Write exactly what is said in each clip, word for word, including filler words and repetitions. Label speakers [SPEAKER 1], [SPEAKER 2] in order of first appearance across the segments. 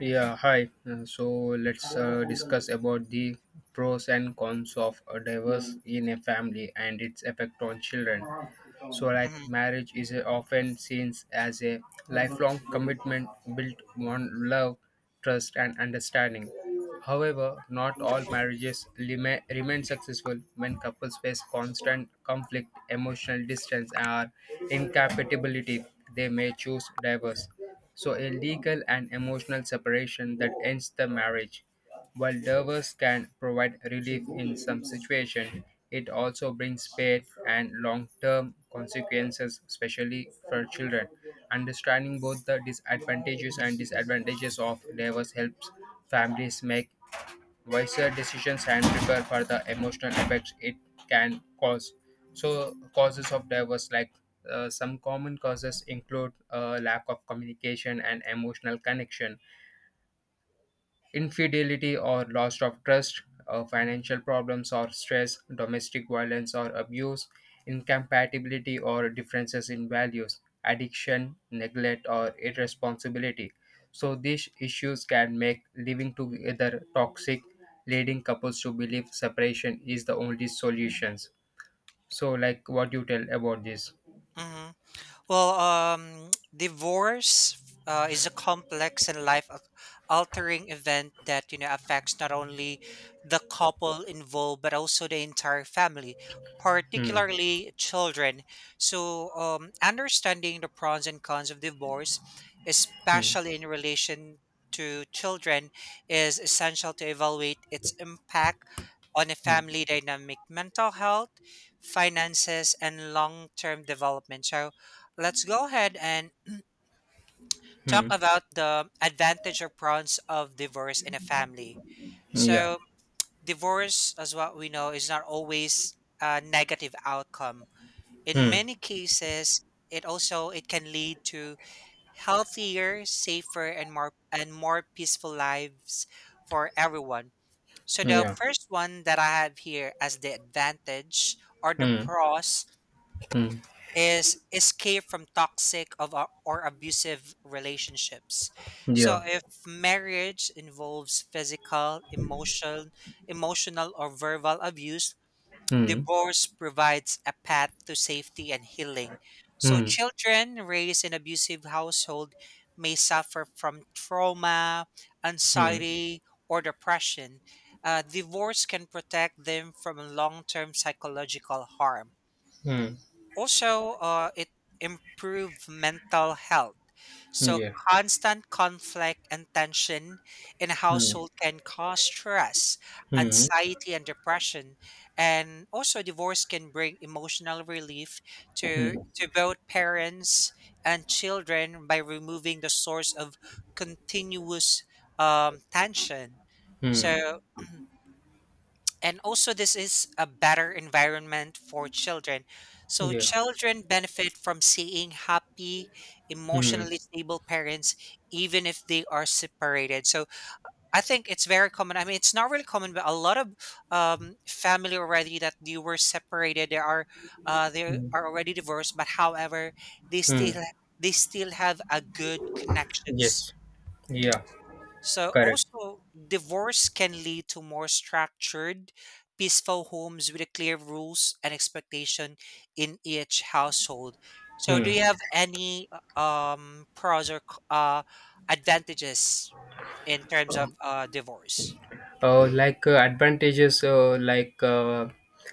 [SPEAKER 1] Yeah, hi. Uh, so let's uh, discuss about the pros and cons of a divorce in a family and its effect on children. So, like,
[SPEAKER 2] Mhm.
[SPEAKER 1] marriage is uh, often seen as a lifelong commitment built on love, trust, and understanding. However, not all marriages lima- remain successful when couples face constant conflict, emotional distance, or incompatibility. They may choose divorce. So, a legal and emotional separation that ends the marriage. While divorce can provide relief in some situations, it also brings pain and long-term consequences, especially for children. Understanding both the disadvantages and disadvantages of divorce helps families make wiser decisions and prepare for the emotional effects it can cause. So, causes of divorce, like uh, some common causes include uh, lack of communication and emotional connection. Infidelity or loss of trust, uh, financial problems or stress, domestic violence or abuse, incompatibility or differences in values, addiction, neglect, or irresponsibility. So, these issues can make living together toxic, leading couples to believe separation is the only solutions. So, like, what do you tell about this?
[SPEAKER 2] Mhm. Well, um, divorce uh, is a complex and life al- altering event that you know affects not only the couple involved but also the entire family,
[SPEAKER 1] Hmm.
[SPEAKER 2] particularly children. So, um, understanding the pros and cons of divorce,
[SPEAKER 1] Hmm.
[SPEAKER 2] especially in relation to children, is essential to evaluate its impact on a
[SPEAKER 1] Hmm.
[SPEAKER 2] family dynamic, mental health, finances, and long-term development. So let's go ahead and talk
[SPEAKER 1] Hmm.
[SPEAKER 2] about the advantage or pros of divorce in a family.
[SPEAKER 1] Yeah.
[SPEAKER 2] So, divorce, as what we know, is not always a negative outcome. In
[SPEAKER 1] Hmm.
[SPEAKER 2] many cases, it also it can lead to healthier, safer, and more and more peaceful lives for everyone. So the
[SPEAKER 1] Yeah.
[SPEAKER 2] first one that I have here as the advantage or the
[SPEAKER 1] Hmm.
[SPEAKER 2] pros
[SPEAKER 1] Hmm.
[SPEAKER 2] is escape from toxic of a- or abusive relationships.
[SPEAKER 1] Yeah.
[SPEAKER 2] So if marriage involves physical, emotional, emotional or verbal abuse,
[SPEAKER 1] Hmm.
[SPEAKER 2] divorce provides a path to safety and healing. So
[SPEAKER 1] Hmm.
[SPEAKER 2] children raised in abusive household may suffer from trauma,
[SPEAKER 1] Hmm.
[SPEAKER 2] anxiety or depression. Uh, divorce can protect them from long-term psychological harm
[SPEAKER 1] Hmm.
[SPEAKER 2] also, uh, it improve mental health. So
[SPEAKER 1] Yeah.
[SPEAKER 2] constant conflict and tension in a
[SPEAKER 1] Hmm.
[SPEAKER 2] household can cause stress,
[SPEAKER 1] Hmm.
[SPEAKER 2] anxiety, and depression. And also, divorce can bring emotional relief
[SPEAKER 1] Hmm.
[SPEAKER 2] to to both parents and children by removing the source of continuous um, tension.
[SPEAKER 1] Hmm.
[SPEAKER 2] So and also this is a better environment for children, so
[SPEAKER 1] Yeah.
[SPEAKER 2] children benefit from seeing happy,
[SPEAKER 1] Hmm.
[SPEAKER 2] emotionally stable parents even if they are separated. So I think it's very common, I mean it's not really common, but a lot of um, family already that they were separated. They are uh, they
[SPEAKER 1] Hmm.
[SPEAKER 2] are already divorced, but however they
[SPEAKER 1] Hmm.
[SPEAKER 2] still they still have a good connections.
[SPEAKER 1] Yes. Yeah.
[SPEAKER 2] So
[SPEAKER 1] Correct.
[SPEAKER 2] also divorce can lead to more structured, peaceful homes with a clear rules and expectation in each household. So do
[SPEAKER 1] Hmm.
[SPEAKER 2] you have any uh, um pros or c- uh advantages in terms of uh divorce?
[SPEAKER 1] Uh, like uh, advantages uh, like uh,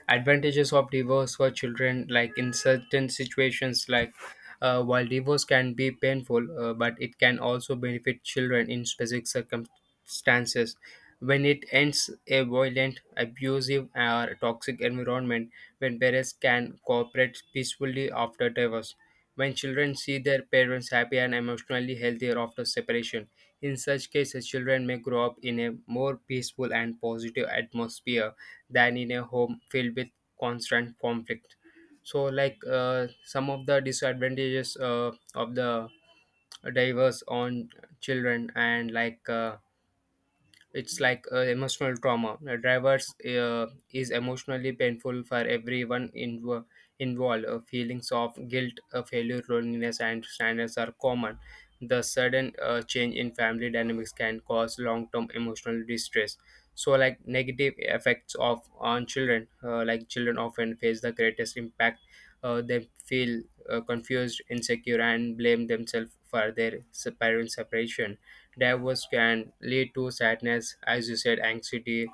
[SPEAKER 1] advantages of divorce for children, like in certain situations, like uh, while divorce can be painful, uh, but it can also benefit children in specific circumstances: when it ends a violent, abusive or toxic environment, when parents can cooperate peacefully after divorce, when children see their parents happy and emotionally healthier after separation. In such cases, children may grow up in a more peaceful and positive atmosphere than in a home filled with constant conflict. So, like uh, some of the disadvantages uh, of the diverse on children, and like uh, it's like uh, emotional trauma. Uh, drivers uh, is emotionally painful for everyone inv- involved. Uh, feelings of guilt, uh, failure, loneliness, and sadness are common. The sudden uh, change in family dynamics can cause long-term emotional distress. So, like negative effects of on children, uh, like children often face the greatest impact. Uh, they feel uh, confused, insecure, and blame themselves for their s- parents' separation. Divorce can lead to sadness, as you said, anxiety,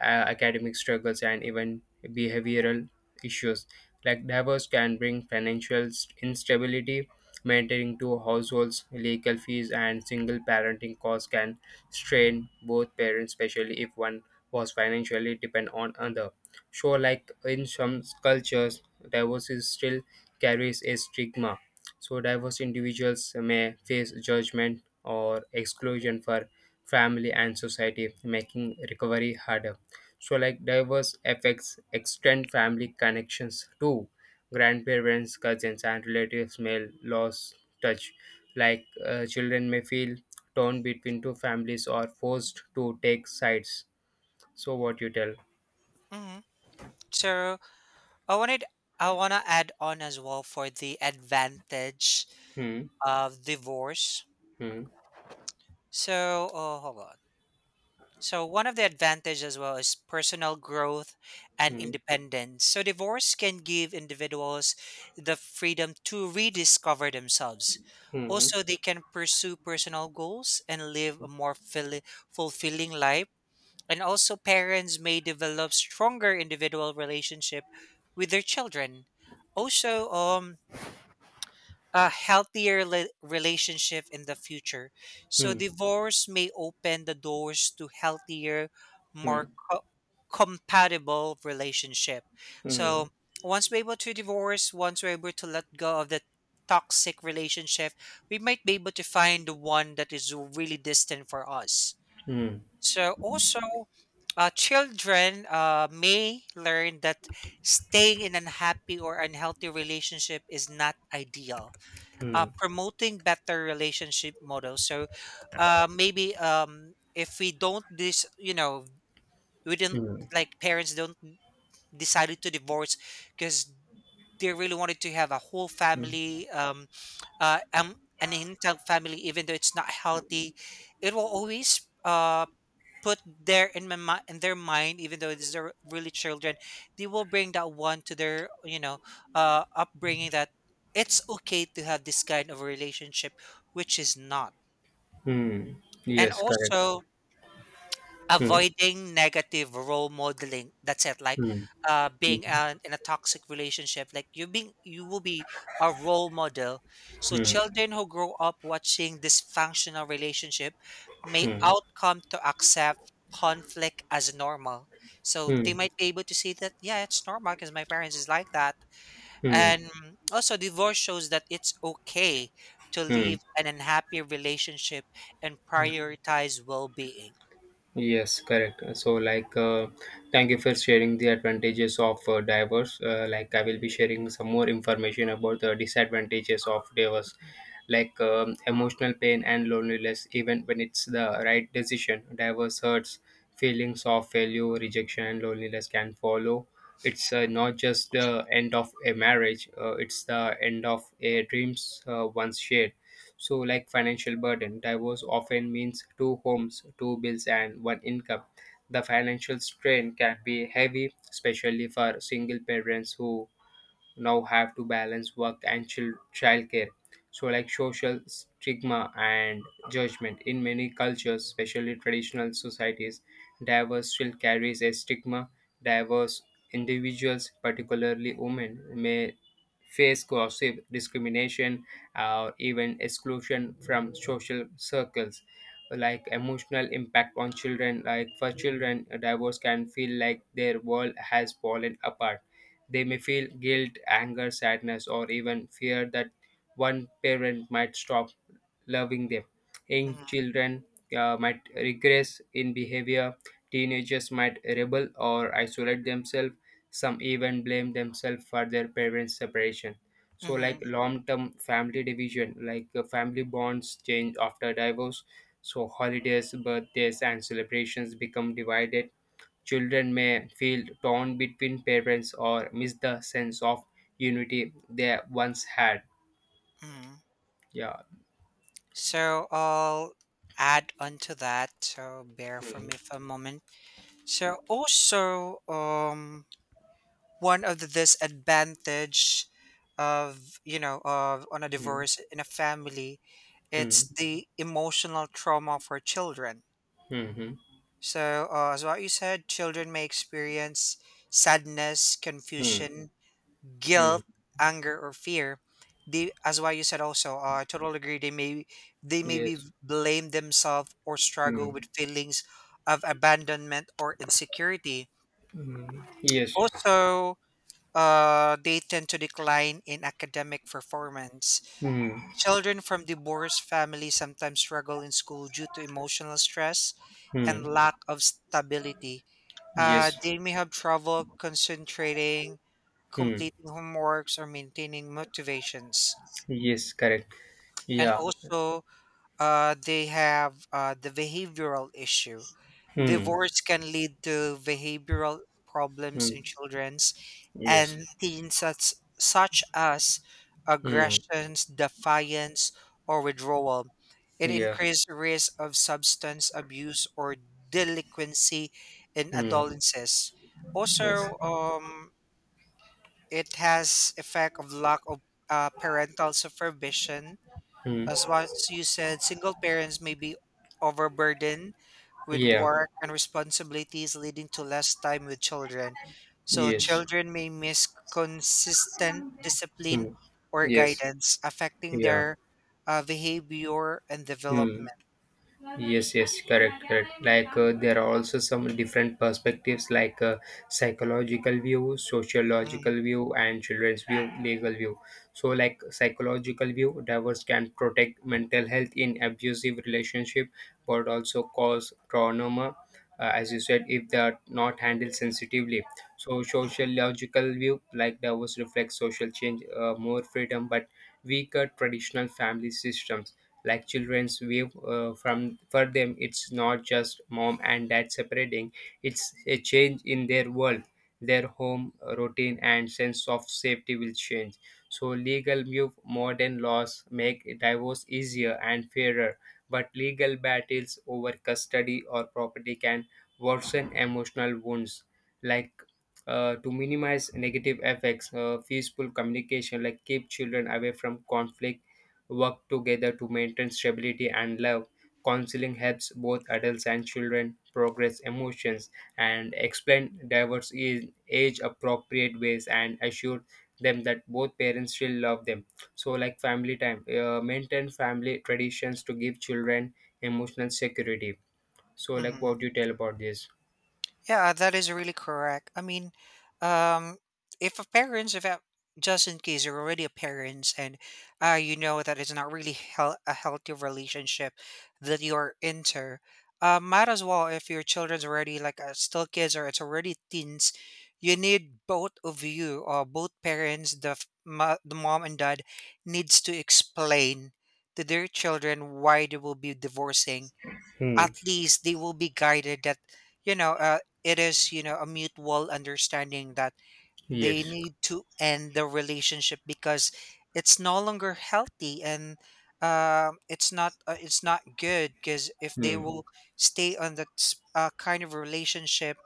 [SPEAKER 1] uh, academic struggles, and even behavioral issues. Like divorce can bring financial st- instability. Maintaining two households, legal fees, and single parenting costs can strain both parents, especially if one was financially depend on other. So, like in some cultures, divorce is still carries a stigma. So, divorced individuals may face judgment, or exclusion for family and society, making recovery harder. So, like diverse effects extend family connections too. Grandparents, cousins, and relatives may lose touch. Like uh, children may feel torn between two families or forced to take sides. So, what you tell?
[SPEAKER 2] Mhm. So I wanted I wanna add on as well for the advantage
[SPEAKER 1] Hmm.
[SPEAKER 2] of divorce.
[SPEAKER 1] Hmm.
[SPEAKER 2] So oh hold on. So one of the advantage as well is personal growth and
[SPEAKER 1] Hmm.
[SPEAKER 2] independence. So divorce can give individuals the freedom to rediscover themselves.
[SPEAKER 1] Hmm.
[SPEAKER 2] Also they can pursue personal goals and live a more fully fulfilling life. And also parents may develop stronger individual relationship with their children. Also um a healthier le- relationship in the future.
[SPEAKER 1] Hmm.
[SPEAKER 2] So
[SPEAKER 1] Hmm.
[SPEAKER 2] divorce may open the doors to healthier,
[SPEAKER 1] Hmm.
[SPEAKER 2] more co- compatible relationship.
[SPEAKER 1] Hmm.
[SPEAKER 2] So once we're able to divorce, once we're able to let go of the toxic relationship, we might be able to find the one that is really distant for us. So also, uh, children uh, may learn that staying in an unhappy or unhealthy relationship is not ideal, uh,
[SPEAKER 1] Hmm.
[SPEAKER 2] promoting better relationship models. So uh, maybe um, if we don't this, you know, we didn't
[SPEAKER 1] Hmm.
[SPEAKER 2] like parents don't decided to divorce because they really wanted to have a whole
[SPEAKER 1] Hmm.
[SPEAKER 2] family, um, uh, um, an intact family, even though it's not healthy. It will always uh, put there in my mi- in their mind, even though these are really children they will bring that one to their you know uh upbringing, that it's okay to have this kind of a relationship which is not.
[SPEAKER 1] Hmm.
[SPEAKER 2] And
[SPEAKER 1] Yes, correct.
[SPEAKER 2] also,
[SPEAKER 1] Hmm.
[SPEAKER 2] avoiding negative role modeling. That's it. Like
[SPEAKER 1] Hmm.
[SPEAKER 2] uh,
[SPEAKER 1] Hmm.
[SPEAKER 2] being an, in a toxic relationship, like you being you will be a role model. So
[SPEAKER 1] Hmm,
[SPEAKER 2] children who grow up watching dysfunctional relationship may
[SPEAKER 1] hmm,
[SPEAKER 2] outcome to accept conflict as normal. So they
[SPEAKER 1] hmm,
[SPEAKER 2] might be able to see that yeah, it's normal because my parents is like that.
[SPEAKER 1] hmm,
[SPEAKER 2] And also, divorce shows that it's okay to
[SPEAKER 1] hmm.
[SPEAKER 2] leave an unhappy relationship and prioritize well being.
[SPEAKER 1] Yes, correct. So, like, uh, thank you for sharing the advantages of uh, diverse. Uh, like, I will be sharing some more information about the disadvantages of diverse, like um, emotional pain and loneliness, even when it's the right decision. Diverse hurts, feelings of failure, rejection, and loneliness can follow. It's uh, not just the end of a marriage, uh, it's the end of a dreams uh, once shared. So, like financial burden, divorce often means two homes, two bills, and one income. The financial strain can be heavy, especially for single parents who now have to balance work and child childcare. So, like social stigma and judgment in many cultures, especially traditional societies, divorce still carries a stigma. Diverse individuals, particularly women, may face gossip, discrimination, or even exclusion from social circles. Like emotional impact on children, like for children, a divorce can feel like their world has fallen apart. They may feel guilt, anger, sadness, or even fear that one parent might stop loving them. Young children uh, might regress in behavior, teenagers might rebel or isolate themselves, some even blame themselves for their parents' separation. So, like
[SPEAKER 2] Mm-hmm,
[SPEAKER 1] long term family division, like uh, family bonds change after divorce, so holidays, birthdays, and celebrations become divided. Children may feel torn between parents or miss the sense of unity they once had.
[SPEAKER 2] mm-hmm.
[SPEAKER 1] Yeah.
[SPEAKER 2] So I'll add on to that. So bear for
[SPEAKER 1] Hmm.
[SPEAKER 2] me for a moment. So also, um, one of the disadvantage of you know of on a
[SPEAKER 1] Hmm.
[SPEAKER 2] divorce in a family, it's
[SPEAKER 1] Hmm.
[SPEAKER 2] the emotional trauma for children.
[SPEAKER 1] Hmm.
[SPEAKER 2] So uh, as what you said, children may experience sadness,
[SPEAKER 1] Hmm. Hmm.
[SPEAKER 2] confusion,
[SPEAKER 1] Hmm.
[SPEAKER 2] guilt, anger, or fear. They, as why you said also, uh, I totally agree. They may they maybe
[SPEAKER 1] Yes.
[SPEAKER 2] blame themselves or struggle
[SPEAKER 1] Hmm.
[SPEAKER 2] with feelings of abandonment or insecurity.
[SPEAKER 1] Yes.
[SPEAKER 2] Also, uh, they tend to decline in academic performance.
[SPEAKER 1] Hmm.
[SPEAKER 2] Children from divorced families sometimes struggle in school due to emotional stress and
[SPEAKER 1] Hmm.
[SPEAKER 2] lack of stability. Uh,
[SPEAKER 1] Yes.
[SPEAKER 2] they may have trouble concentrating,
[SPEAKER 1] Hmm.
[SPEAKER 2] completing homeworks, or maintaining motivations.
[SPEAKER 1] Yes. Correct.
[SPEAKER 2] And
[SPEAKER 1] Yeah.
[SPEAKER 2] also, uh, they have uh, the behavioral issue.
[SPEAKER 1] Hmm.
[SPEAKER 2] Divorce can lead to behavioral problems
[SPEAKER 1] Hmm.
[SPEAKER 2] in children's
[SPEAKER 1] Yes.
[SPEAKER 2] and teens such, such as
[SPEAKER 1] Hmm.
[SPEAKER 2] aggressions, defiance, or withdrawal. It
[SPEAKER 1] Yeah.
[SPEAKER 2] increased risk of substance abuse or delinquency in
[SPEAKER 1] Hmm.
[SPEAKER 2] adolescents.
[SPEAKER 1] Yes.
[SPEAKER 2] Also, um, it has effect of lack of uh, parental supervision.
[SPEAKER 1] Hmm.
[SPEAKER 2] As what you said, single parents may be overburdened with
[SPEAKER 1] Yeah.
[SPEAKER 2] work and responsibilities, leading to less time with children. So,
[SPEAKER 1] Yes.
[SPEAKER 2] children may miss consistent discipline
[SPEAKER 1] Hmm.
[SPEAKER 2] or
[SPEAKER 1] Yes.
[SPEAKER 2] guidance, affecting
[SPEAKER 1] Yeah.
[SPEAKER 2] their uh, behavior and
[SPEAKER 1] Hmm.
[SPEAKER 2] development.
[SPEAKER 1] Yes, yes, correct, correct. Like uh, there are also some different perspectives, like uh, psychological view,
[SPEAKER 2] Mm.
[SPEAKER 1] sociological view, and children's view, legal view. So, like psychological view, divorce can protect mental health in abusive relationship, but also cause trauma, uh, as you said, if they are not handled sensitively. So, sociological view, like divorce reflects social change, uh, more freedom, but weaker traditional family systems. Like children's view uh, from for them, it's not just mom and dad separating, it's a change in their world, their home routine and sense of safety will change. So legal view, modern laws make divorce easier and fairer, but legal battles over custody or property can worsen emotional wounds. Like uh, to minimize negative effects, uh, peaceful communication, like keep children away from conflict, work together to maintain stability and love. Counseling helps both adults and children progress emotions, and explain divorce in age appropriate ways and assure them that both parents still love them. So, like family time, uh, maintain family traditions to give children emotional security. So, like,
[SPEAKER 2] Mhm.
[SPEAKER 1] what do you tell about this?
[SPEAKER 2] Yeah, that is really correct. I mean, um, if a parents, if a- just in case you're already a parents and uh, you know that it's not really hel- a healthy relationship that you're into, uh, might as well if your children's already like uh, still kids or it's already teens, you need both of you or both parents, the f- mo- the mom and dad, needs to explain to their children why they will be divorcing.
[SPEAKER 1] Hmm.
[SPEAKER 2] At least they will be guided that you know uh, it is you know a mutual understanding that they
[SPEAKER 1] Yes.
[SPEAKER 2] need to end the relationship because it's no longer healthy, and um it's not uh, it's not good, because if they
[SPEAKER 1] Hmm.
[SPEAKER 2] will stay on that s- uh, kind of relationship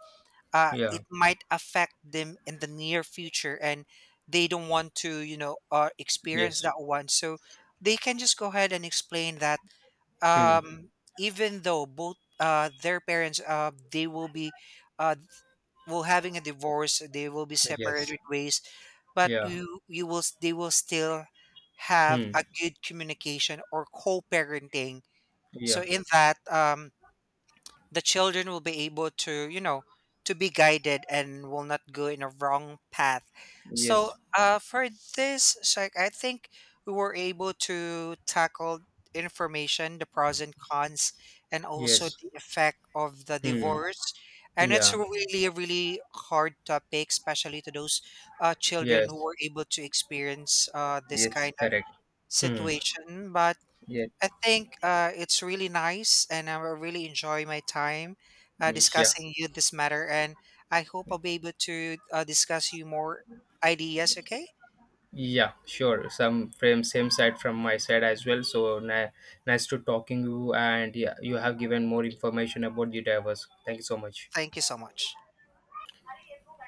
[SPEAKER 2] uh,
[SPEAKER 1] Yeah.
[SPEAKER 2] it might affect them in the near future, and they don't want to you know uh,
[SPEAKER 1] Yes.
[SPEAKER 2] experience that one. So they can just go ahead and explain that
[SPEAKER 1] Hmm.
[SPEAKER 2] um, even though both uh, their parents uh, they will be uh, will having a divorce, they will be
[SPEAKER 1] Yes.
[SPEAKER 2] separated ways, but
[SPEAKER 1] Yeah.
[SPEAKER 2] you you will s- they will still have
[SPEAKER 1] Hmm.
[SPEAKER 2] a good communication or co-parenting. So
[SPEAKER 1] Yeah.
[SPEAKER 2] in that um, the children will be able to you know to be guided and will not go in a wrong path. So
[SPEAKER 1] Yes.
[SPEAKER 2] uh, for this Shaikh, I think we were able to tackle information the pros and cons and also
[SPEAKER 1] Yes.
[SPEAKER 2] the effect of the
[SPEAKER 1] Hmm.
[SPEAKER 2] divorce, and it's
[SPEAKER 1] Yeah.
[SPEAKER 2] a really really hard topic, especially to those uh, children who
[SPEAKER 1] Yes.
[SPEAKER 2] were able to experience uh, this
[SPEAKER 1] It's
[SPEAKER 2] kind of
[SPEAKER 1] correct. Hmm.
[SPEAKER 2] situation. But
[SPEAKER 1] Yeah.
[SPEAKER 2] I think uh, it's really nice, and I will really enjoy my time uh,
[SPEAKER 1] Yeah.
[SPEAKER 2] discussing you this matter. And I hope I'll be able to uh, discuss you more ideas. Okay,
[SPEAKER 1] Yeah. Sure. Some frame same side from my side as well. So ni- nice to talking you, and yeah, you have given more information about the diverse. Thank you so much.
[SPEAKER 2] thank you so much.